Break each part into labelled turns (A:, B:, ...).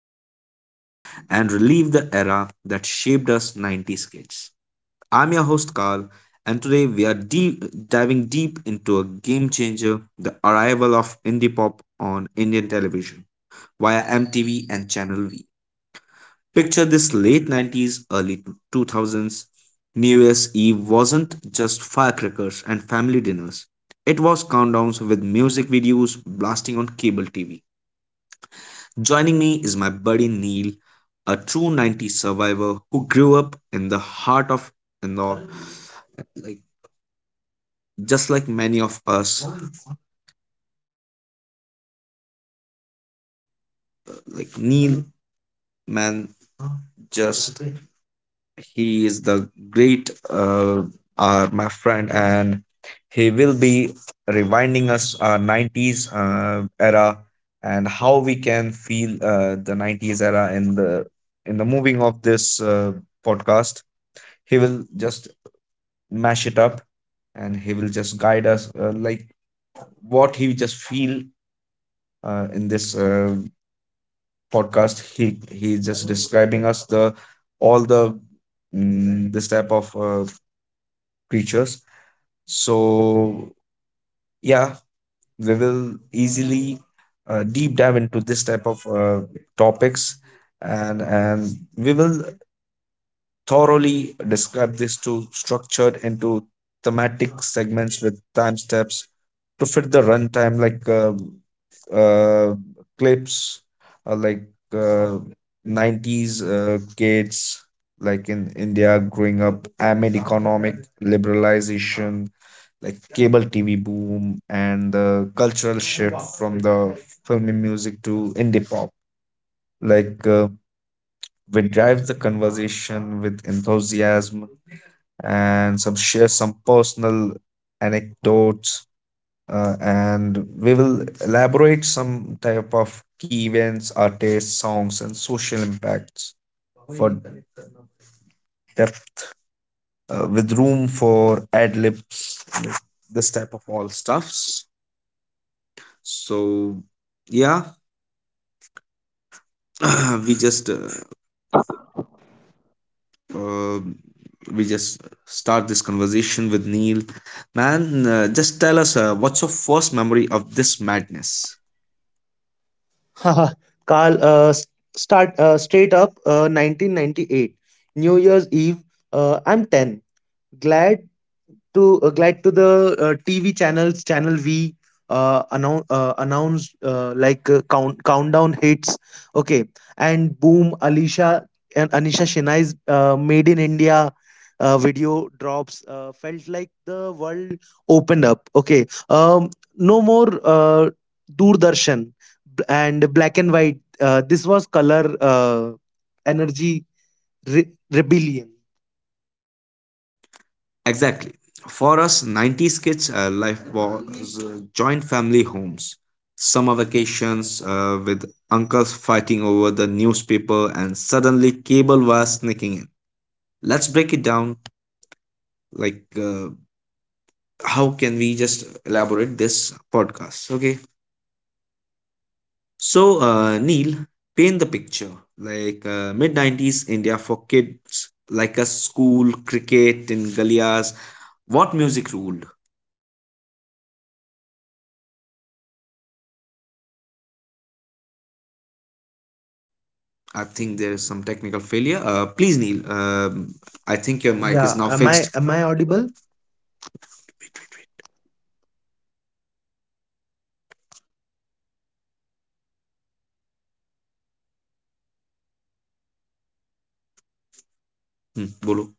A: VHS tapes and relive the era that shaped us 90s kids. I'm your host, Carl, and today we are diving deep into a game changer, the arrival of indie pop on Indian television via MTV and Channel V. Picture this late 90s, early 2000s. New Year's Eve wasn't just firecrackers and family dinners, it was countdowns with music videos blasting on cable TV. Joining me is my buddy Neil, a true 90s survivor who grew up in the heart of Indore. Like, just like many of us, like Neil, man, just he is the great my friend, and he will be reminding us our 90s era, and how we can feel the 90s era in the moving of this podcast. He will just mash it up, and he will just guide us like what he just feel in this podcast. He is just describing us the all the, this type of creatures. So, yeah, we will easily deep dive into this type of topics, and we will thoroughly describe this to structured into thematic segments with time steps to fit the runtime, like uh, clips, like uh, 90s kids, like in India growing up amid economic liberalization, like cable TV boom and the cultural shift from the filmy music to indie pop. Like we drive the conversation with enthusiasm, and some share some personal anecdotes, and we will elaborate some type of key events, artists, songs, and social impacts for depth, with room for ad libs, like this type of all stuffs. So yeah, we just uh, uh, we just start this conversation with Neil. Man, just tell us, what's your first memory of this madness?
B: Haha, Carl, start straight up, 1998, New Year's Eve. I'm 10. Glad to glide to the TV channels. Channel V announced like, countdown hits. Okay, and boom, Alicia and Anisha Shinai's Made in India video drops. Felt like the world opened up. Okay, no more Doordarshan and black and white. This was color, energy, rebellion.
A: Exactly. For us, 90s kids, life was, joint family homes, summer vacations with uncles fighting over the newspaper, and suddenly cable was sneaking in. Let's break it down. Like, how can we just elaborate this podcast? Okay. So, Neil, paint the picture. Like, mid 90s India for kids, like a school, cricket in Galias. What music rule? I think there is some technical failure. Please, Neil. I think your mic
B: Yeah,
A: is now
B: am I
A: fixed.
B: am I audible?
A: Hmm, bolo.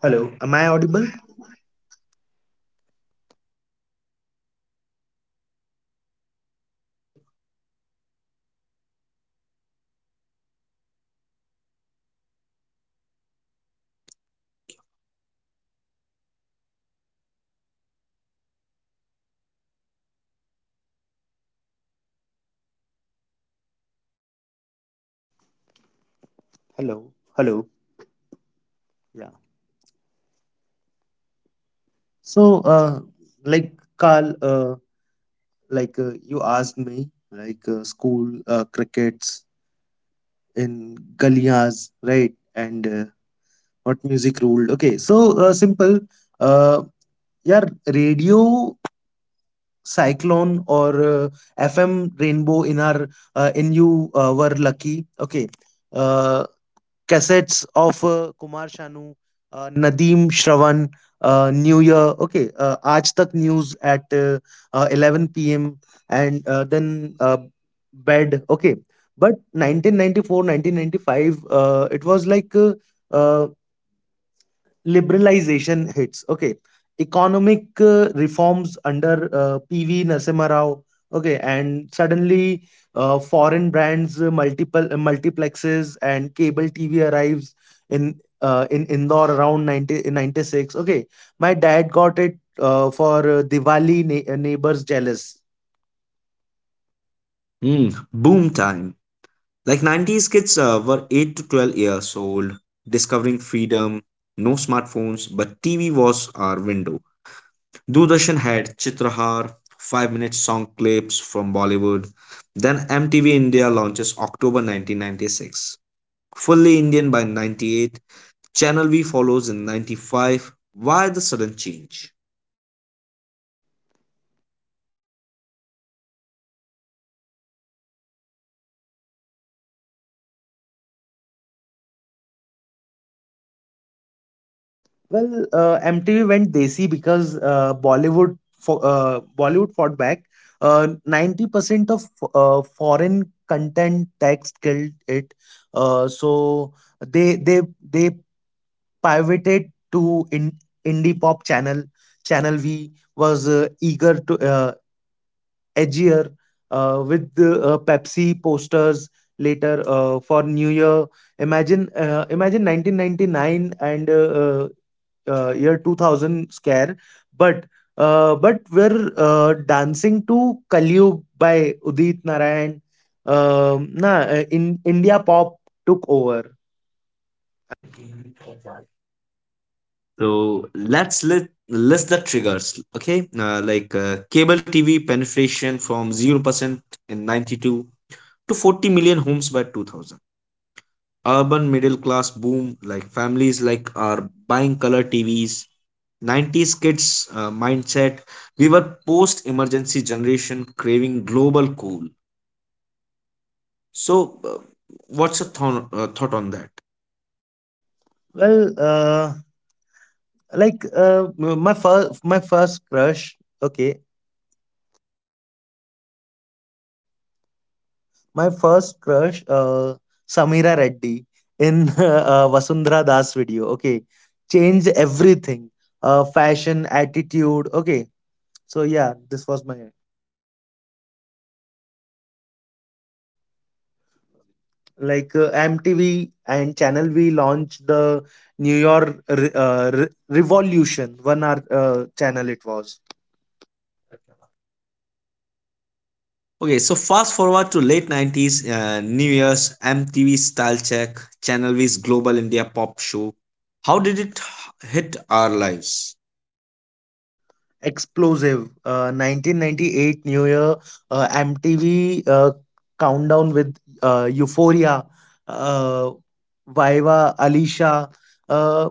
B: Hello, am I audible? Hello, hello. Yeah. So, like Carl, like, you asked me, like, school, crickets in Galias, right? And what music ruled? Okay, so, simple. Uh, yeah, radio cyclone or FM rainbow in our, in you were lucky. Okay. uh, Cassettes of Kumar Sanu, Nadeem Shravan, New Year, okay, Aaj Tak News at 11 p.m. and then, bed, okay. But 1994, 1995, it was like, uh, liberalization hits. Okay, economic reforms under PV Narasimha Rao. Okay, and suddenly foreign brands, multiplexes and cable TV arrives in in Indore around 90, in 96. Okay, my dad got it for Diwali. Neighbors jealous.
A: Hmm, boom time. Like 90s kids were 8 to 12 years old, discovering freedom, no smartphones, but TV was our window. Doordarshan had Chitrahar, 5 minute song clips from Bollywood. Then MTV India launches October 1996. Fully Indian by 98, Channel V follows in 95. Why the sudden change?
B: Well, MTV went desi because Bollywood fought back. 90% of foreign content tax killed it. So they pivoted to indie pop channel. Channel V was eager to edgier with the Pepsi posters later, for New Year. Imagine 1999 and year 2000 scare, but but we're dancing to Kaliyug by Udit Narayan. Nah, in India pop took over.
A: So let's list the triggers. Okay, like cable TV penetration from 0% in ninety two to 40 million homes by 2000. Urban middle class boom, like families like are buying color TVs. 90s kids mindset. We were post emergency generation craving global cool. So, what's your thought on that?
B: Well, like, my first crush. Okay. My first crush, Samira Reddy in Vasundhara Das video. Okay, changed everything. Fashion, attitude. Okay, so yeah, this was my, like, MTV and Channel V launched the New York Revolution 1 hour channel. It was.
A: Okay, so fast forward to late 90s, New Year's MTV Style Check, Channel V's Global India Pop Show. How did it hit our lives?
B: Explosive. 1998 New Year, MTV countdown with Euphoria, uh, Viva, Alicia. Uh,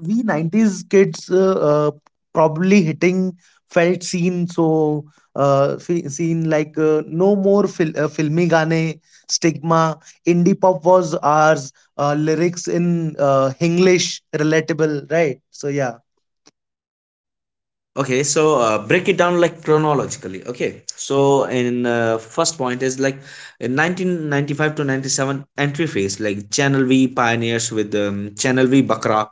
B: we 90s kids probably hitting felt scene, so scene, like, no more filmy gaane stigma, indie pop was ours, lyrics in English, relatable, right, so yeah.
A: Okay, so break it down like chronologically. Okay, so in first point is like in 1995 to 97 entry phase, like Channel V pioneers with Channel V Bakra.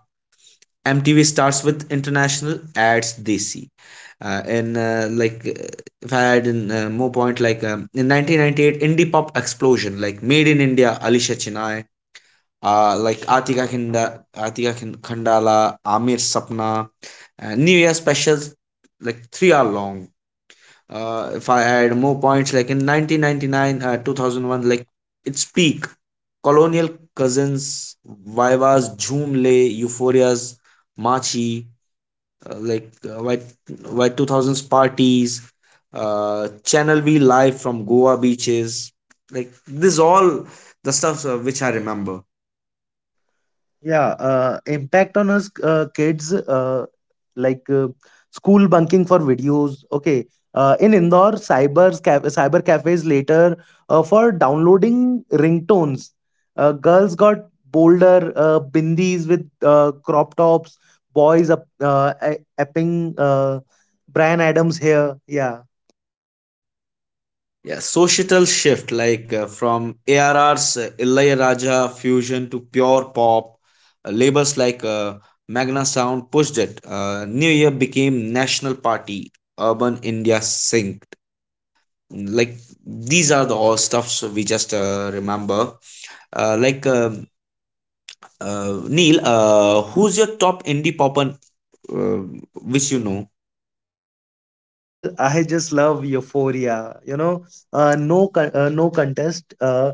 A: MTV starts with international ads DC. In like if I had in more point like in 1998 indie pop explosion, like Made in India, Alisha Chennai, like Atika Kinda, Atika Khandala, Amir Sapna, new year specials like 3 hour long, if I had more points like in 1999, 2001, like its peak, Colonial Cousins, Viva's Jhoom Le, Euphoria's Machi, like white 2000s parties, Channel V live from Goa beaches, like this all the stuff, which I remember.
B: Yeah, impact on us kids, like, school bunking for videos. Okay, in Indore, cyber cafes later for downloading ringtones. Girls got bolder, bindis with crop tops. Boys up, apping Brian Adams hair. Yeah.
A: Yeah, societal shift, like from ARR's Raja fusion to pure pop, labels like Magna Sound pushed it, new year became national party, urban India synced, like these are the all stuffs we just remember, like Neil, who's your top indie pop and uh, which you know?
B: Well, I just love Euphoria. No, no contest.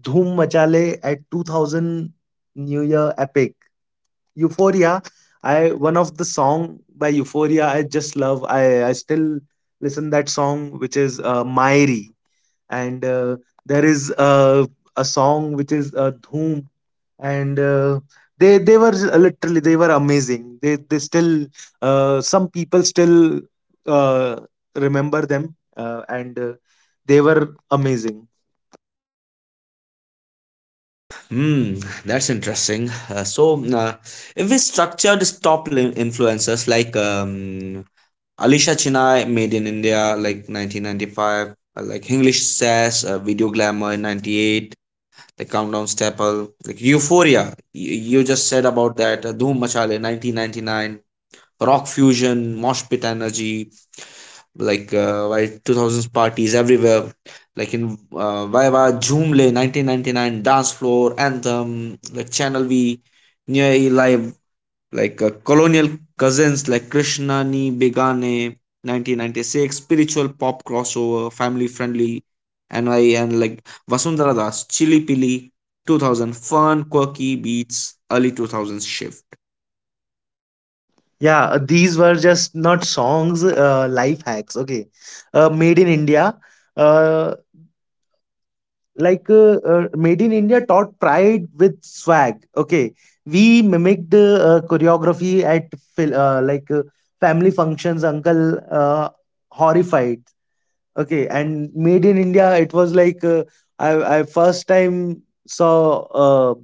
B: Dhoom Machale at 2000 New Year epic. Euphoria. I, one of the song by Euphoria I just love. I still listen that song which is Mairi, and there is a song which is Dhoom, and literally they were amazing. They still Some people still uh, remember them, and they were amazing.
A: Hmm, that's interesting. So, if we structured this top influencers like Alisha Chennai, Made in India, like 1995, like English Sass, Video Glamour in 98, the Countdown Staple, like Euphoria, you just said about that, Dhoom Machale 1999, rock fusion, mosh pit energy, like 2000s parties everywhere, like in Viva Joomla 1999 dance floor anthem, like Channel V, Nyai Live, like colonial cousins like Krishna Ni Begane 1996, spiritual pop crossover, family friendly, NY and like Vasundhara Das, Chili Pili 2000 fun quirky beats early 2000s shift.
B: Yeah, these were just not songs, life hacks. Okay. Made in India. Uh, Made in India taught pride with swag. Okay. We mimicked choreography at like, family functions, uncle horrified. Okay. And Made in India, it was like, I first time saw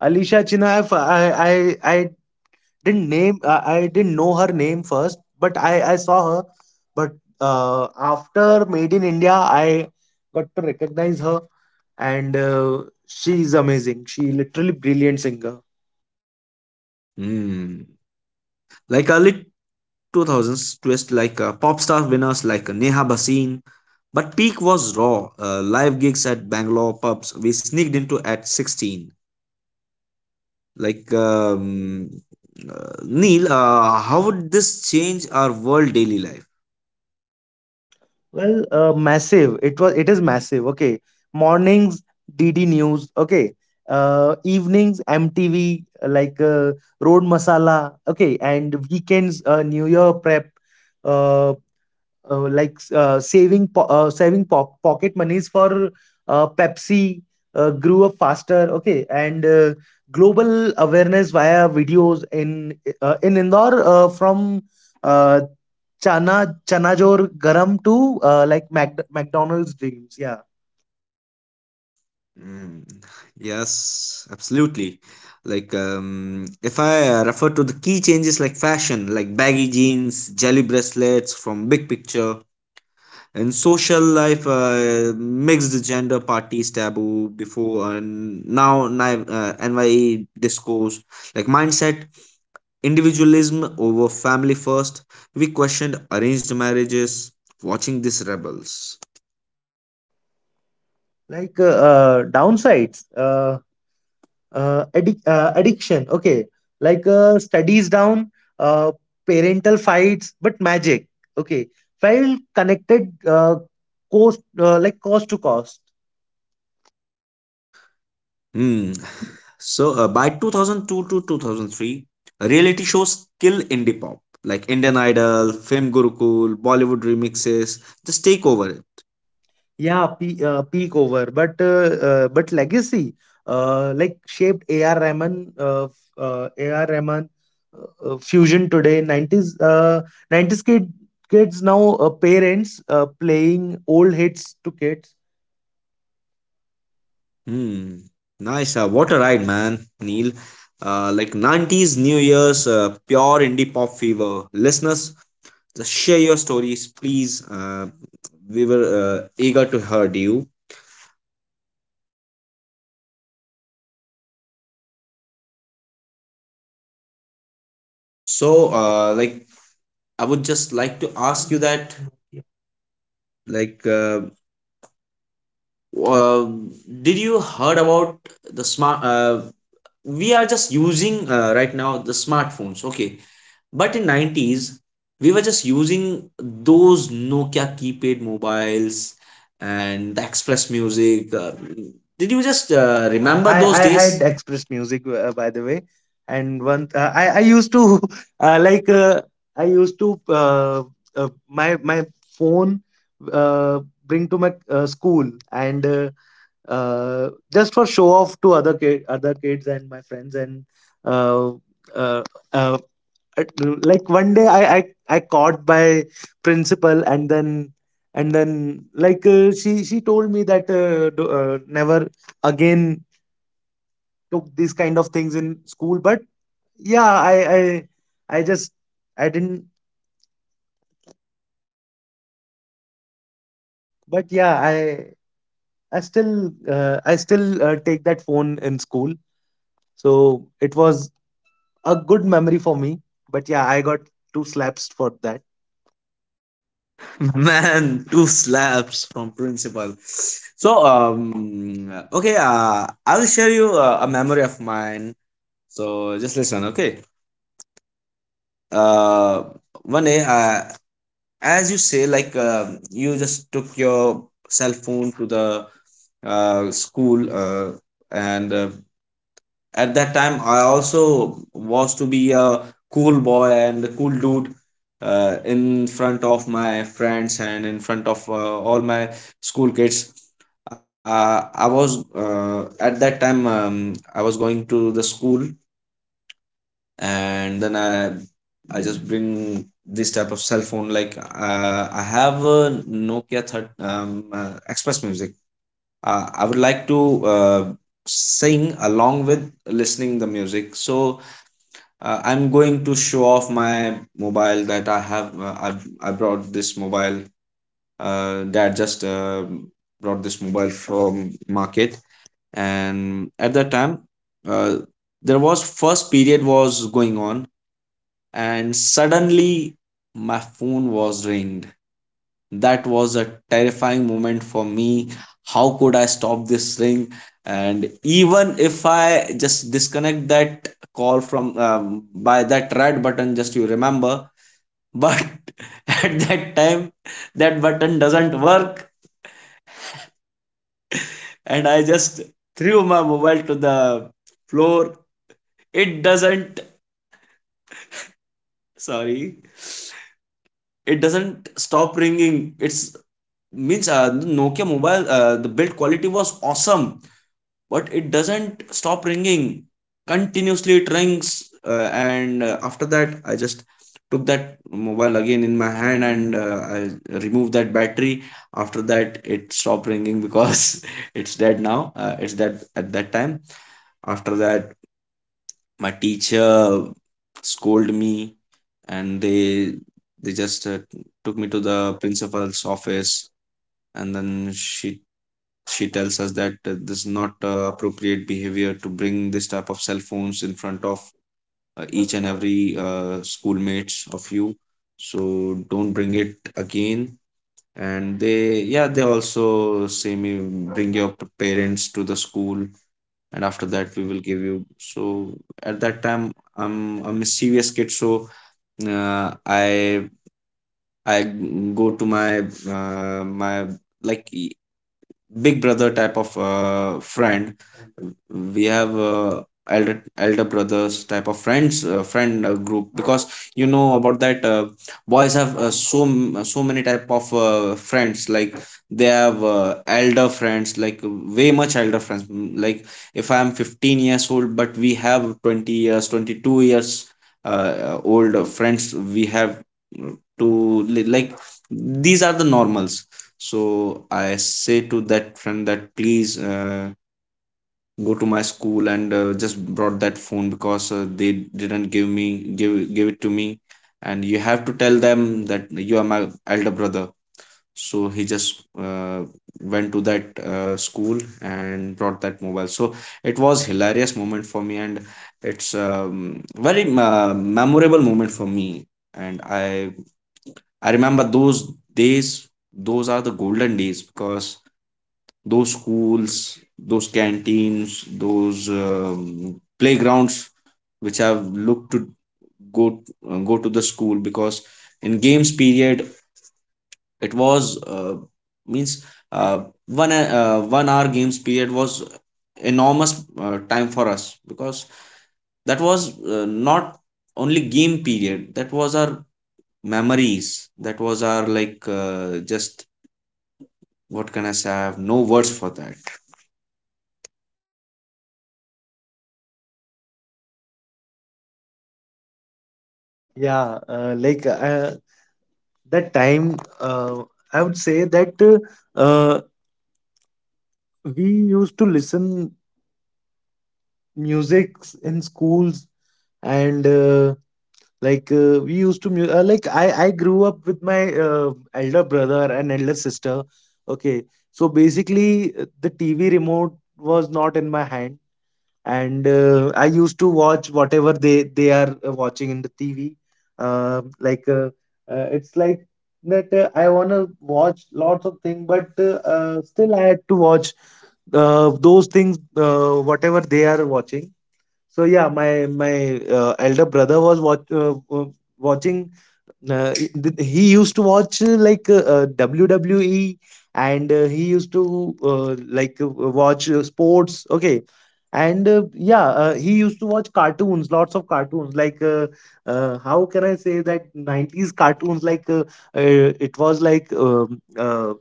B: Alisha Chinna. I didn't name, I didn't know her name first, but I saw her, but uh, after Made in India, I got to recognize her, and she is amazing, she literally brilliant singer.
A: Hmm. Like early 2000s twist, like pop star winners like Neha Bhasin, but peak was raw. Live gigs at Bangalore pubs we sneaked into at 16. Like Neil, how would this change our world daily life?
B: Well, massive, it was, it is massive. Okay, mornings, DD News. Okay, evenings, MTV, like, road masala. Okay, and weekends, new year prep. Uh, saving pocket monies for Pepsi, grew up faster. Okay, and global awareness via videos in Indore from uh, Chana Chanajor Garam to, McDonald's dreams. Yeah,
A: Mm, yes, absolutely. Like if I refer to the key changes like fashion, like baggy jeans, jelly bracelets from Big Picture, and social life, mixed gender parties taboo before and now nye discourse, like mindset individualism over family first, we questioned arranged marriages watching these rebels.
B: like uh, downsides. Addiction. Okay, studies down, uh, parental fights, but magic. Okay, felt connected, cost, cost to cost.
A: Hmm. So by 2002 to 2003 reality shows kill indie pop, like Indian Idol, Fame Gurukul, Bollywood remixes just take over.
B: Yeah, peak over, but but legacy, like, shaped AR Rahman, fusion today. 90s kid, kids now, parents playing old hits to kids.
A: Hmm. Nice. What a ride, man, Neil. Like 90s New Year's, pure indie pop fever. Listeners, just share your stories, please. We were eager to hear you. So, like, I would just like to ask you that, like, uh, did you heard about the smart? We are just using right now the smartphones. Okay, but in 90s, we were just using those Nokia keypad mobiles and the Express Music. Did you just
B: I
A: remember
B: I,
A: those
B: I
A: days?
B: had expressed music by the way, and one I used to like I used to my phone, uh, bring to my school, and just for show off to other kids and my friends, and uh, uh, uh, one day I caught by principal. And then. And then, like, she told me that, do, never again took these kind of things in school. But yeah, I just, I didn't. But yeah, i still I still take that phone in school. So it was a good memory for me, but yeah I got two slaps for that.
A: Man, two slaps from principal. So okay, I'll share you a memory of mine. So just listen, okay? Uh One day, as you say, like you just took your cell phone to the school, and at that time I also was to be a cool boy and a cool dude in front of my friends and in front of all my school kids. I was, at that time, I was going to the school, and then I just bring this type of cell phone, like I have a Nokia third. Express Music, I would like to sing along with listening the music. So I'm going to show off my mobile that I have. Uh, I brought this mobile. Dad just brought this mobile from market, and at that time, uh, there was first period was going on, and suddenly my phone was ringed. That was a terrifying moment for me. How could I stop this ring? And even if I just disconnect that call from, by that red button, just you remember, but at that time that button doesn't work, and I just threw my mobile to the floor. It doesn't, sorry, it doesn't stop ringing. It's means, Nokia mobile, the build quality was awesome, but it doesn't stop ringing, continuously it rings. And after that I just took that mobile again in my hand, and I removed that battery. After that, it stopped ringing because it's dead now. It's dead at that time. After that, my teacher scolded me, and they just took me to the principal's office, and then she tells us that this is not appropriate behavior to bring this type of cell phones in front of each and every schoolmates of you, so don't bring it again. And they, yeah, they also say me, bring your parents to the school, and after that we will give you. So at that time I'm a mischievous kid, so uh, i I go to my, uh, my like big brother type of friend. We have elder brothers type of friend group, because you know about that boys have so many type of friends, like they have elder friends, like way much elder friends. Like if I'm 15 years old, but we have 20 years, 22 years old friends we have uh, like these are the normals. So I say to that friend that, please, go to my school and just brought that phone, because they didn't give me give give it to me, and you have to tell them that you are my elder brother. So he just went to that school and brought that mobile. So it was hilarious moment for me, and it's very memorable moment for me. And I remember those days. Those are the golden days because those schools, those canteens, those playgrounds, which have looked to go go to the school because in games period it was means uh, one hour games period was enormous time for us because that was not only game period, that was our memories, that was our just what can I say, I have no words for that.
B: Yeah, like, that time, uh, I would say that, uh, we used to listen music in schools. And we used to like, I grew up with my uh, elder brother and elder sister. Okay, so basically, the TV remote was not in my hand, and I used to watch whatever they are watching in the TV. Uh, like uh, it's like that, I wanna watch lots of things, but still I had to watch those things, whatever they are watching. So yeah, my elder brother was watching, he used to watch, WWE, and he used to, watch sports. Okay, and he used to watch cartoons, lots of cartoons, like, how can I say that, 90s cartoons, it was like,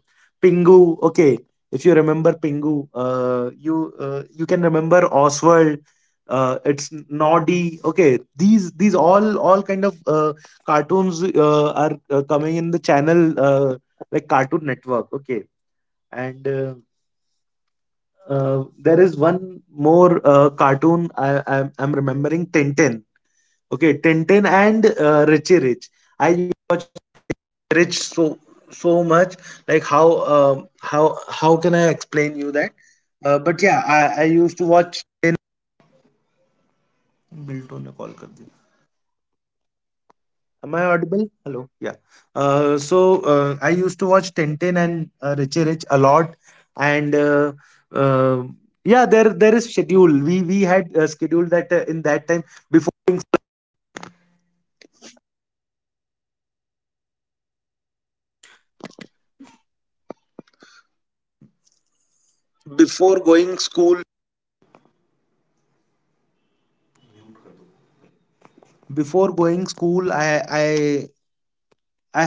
B: Pingu. Okay, if you remember Pingu, you, you can remember Oswald, it's Noddy. Okay, these all kind of cartoons are coming in the channel, like Cartoon Network. Okay, and there is one more cartoon, I'm remembering Tintin. Okay, Tintin and Richie Rich. टू ने call कर दिया. Am I audible? Hello. Yeah. So, I used to watch Tintin and Richie Rich a lot, and uh, yeah, there is schedule. We had scheduled that in that time. Before going school, I i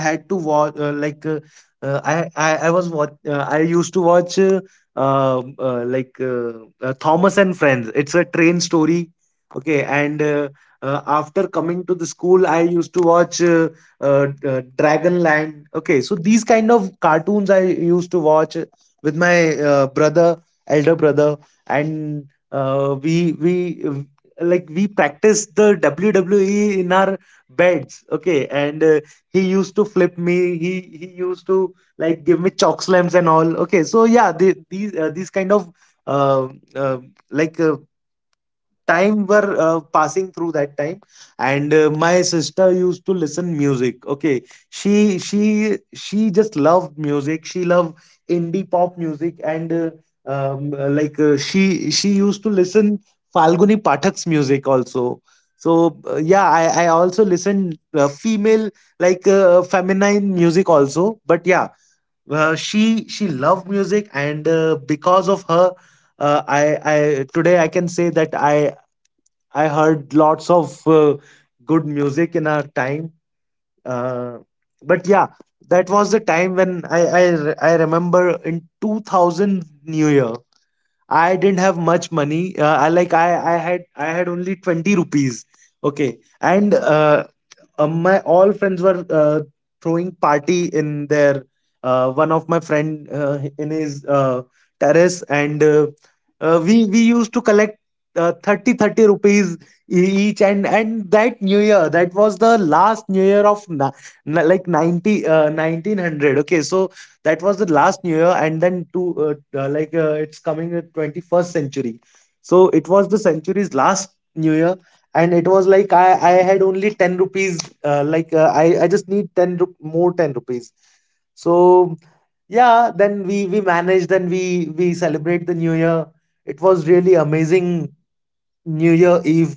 B: I had to watch, like, I was what I used to watch Thomas and Friends. It's a train story. Okay. And after coming to the school, I used to watch Dragonland. Okay, so these kind of cartoons I used to watch with my brother, elder brother, and we practiced the WWE in our beds. Okay, and he used to flip me. He used to like give me chalk slams and all. Okay, so yeah, these kind of, uh, uh, like uh, time were passing through that time. And my sister used to listen music. Okay, she just loved music, she loved indie pop music. And she used to listen Falguni Pathak's music also. So yeah, I also listen female, like, feminine music also. But yeah, she loved music. And because of her, I today I can say that I heard lots of good music in our time. Uh, but yeah, that was the time when I remember in 2000 New Year, I didn't have much money. I, like, I had only 20 rupees. Okay. And my all friends were throwing party in their, one of my friend in his terrace, and we used to collect 30 thirty rupees each. And that new year, that was the last new year of like 90, 1900. Okay, so that was the last new year. And then, to, it's coming the 21st century. So it was the century's last new year. And it was like, I had only 10 rupees. I just need 10, more 10 rupees. So yeah, then we managed, and we celebrate the new year. It was really amazing new year eve,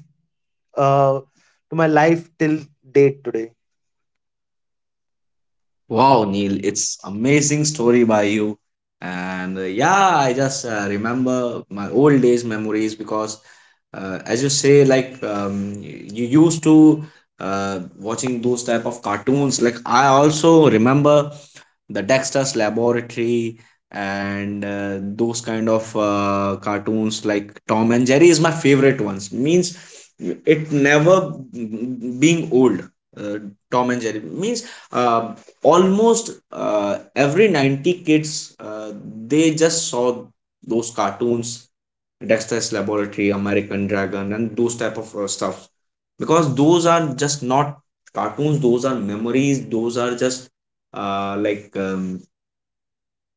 B: uh, to my life till date today.
A: Wow, Neil, it's amazing story by you. And yeah, I just remember my old days memories because as you say, like you used to watching those type of cartoons. Like I also remember the Dexter's Laboratory and those kind of cartoons like Tom and Jerry is my favorite ones. Means it never being old. Uh, Tom and Jerry means uh, almost every 90 kids they just saw those cartoons, Dexter's Laboratory, American Dragon, and those type of stuff. Because those are just not cartoons; those are memories. Those are just uh, like um,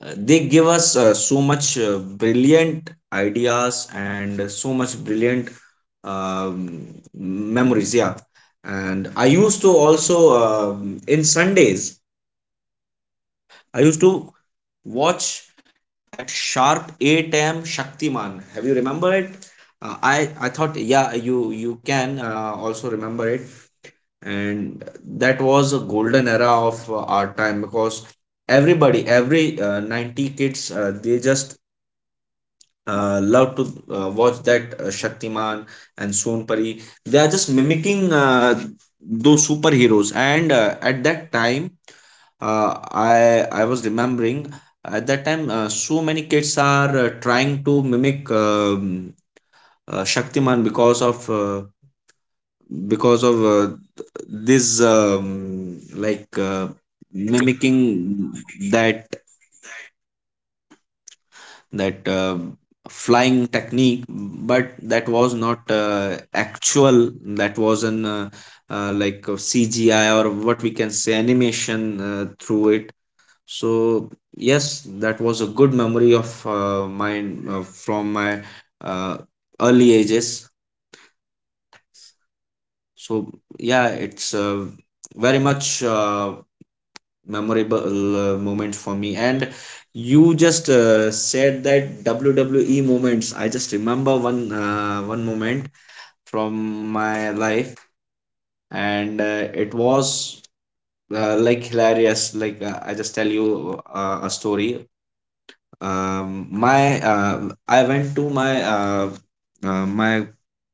A: they give us so much brilliant ideas and so much brilliant um, memories. Yeah, and I used to also in Sundays I used to watch at sharp 8 a.m. Shaktiman. Have you remember it? I thought yeah you can also remember it, and that was a golden era of our time because everybody every 90 kids they just love to watch that Shaktiman and Son Pari. They are just mimicking those superheroes. And at that time, I was remembering at that time so many kids are trying to mimic Shaktiman because of because of uh, this mimicking that that flying technique, but that was not actual, that was an a cgi or what we can say animation through it. So yes, that was a good memory of mine from my uh, early ages. So yeah, it's very much memorable moment for me. And you just said that wwe moments, I just remember one moment from my life, and it was like hilarious. I just tell you a story. My I went to my my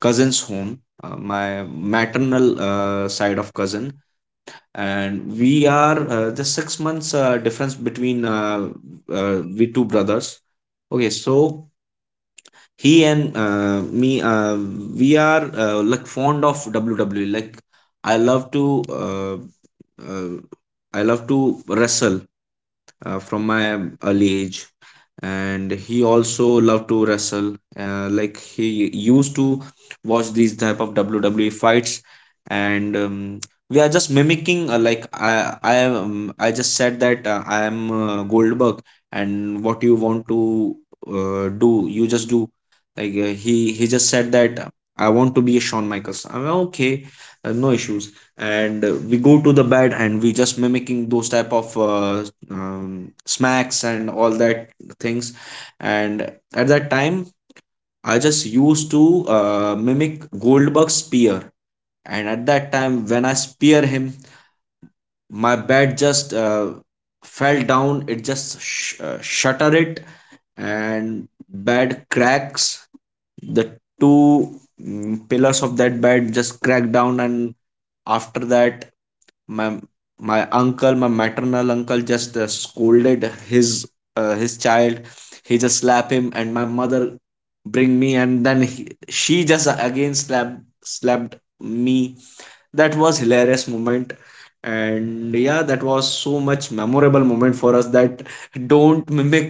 A: cousin's home, my maternal side of cousin, and we are just 6 months difference between we two brothers. Okay, so he and me we are like fond of wwe. Like I love to uh, I love to wrestle from my early age, and he also loved to wrestle like he used to watch these type of wwe fights. And we are just mimicking like I I just said that I am Goldberg, and what you want to do, you just do. He just said that I want to be a Shawn Michaels. I'm okay, no issues. And we go to the bed, and we just mimicking those type of smacks and all that things. And at that time I just used to mimic Goldberg's spear, and at that time when I spear him, my bat just fell down, it just shutter it, and bed cracks. The two pillars of that bed just crack down, and after that my uncle, my maternal uncle, just scolded his child. He just slap him, and my mother bring me, and then she just again slapped me. That was hilarious moment, and yeah, that was so much memorable moment for us that don't mimic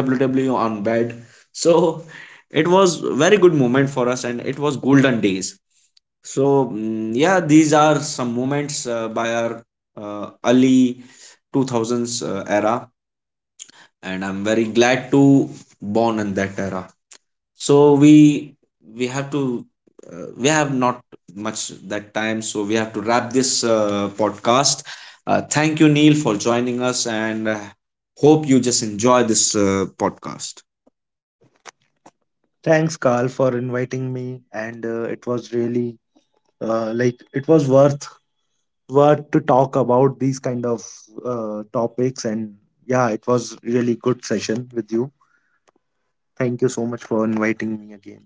A: wwe on bed. So it was very good moment for us, and it was golden days. So yeah, these are some moments by our early 2000s era, and I'm very glad to born in that era. So we have to we have not much that time, so we have to wrap this podcast. Thank you, Neil, for joining us, and hope you just enjoy this podcast.
B: Thanks, Carl, for inviting me, and it was really, like, it was worth to talk about these kind of topics, and yeah, it was really good session with you. Thank you so much for inviting me again.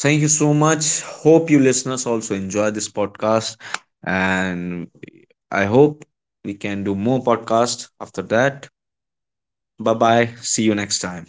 A: Thank you so much, hope you listeners also enjoy this podcast. And I hope we can do more podcast after that. Bye bye. See you next time.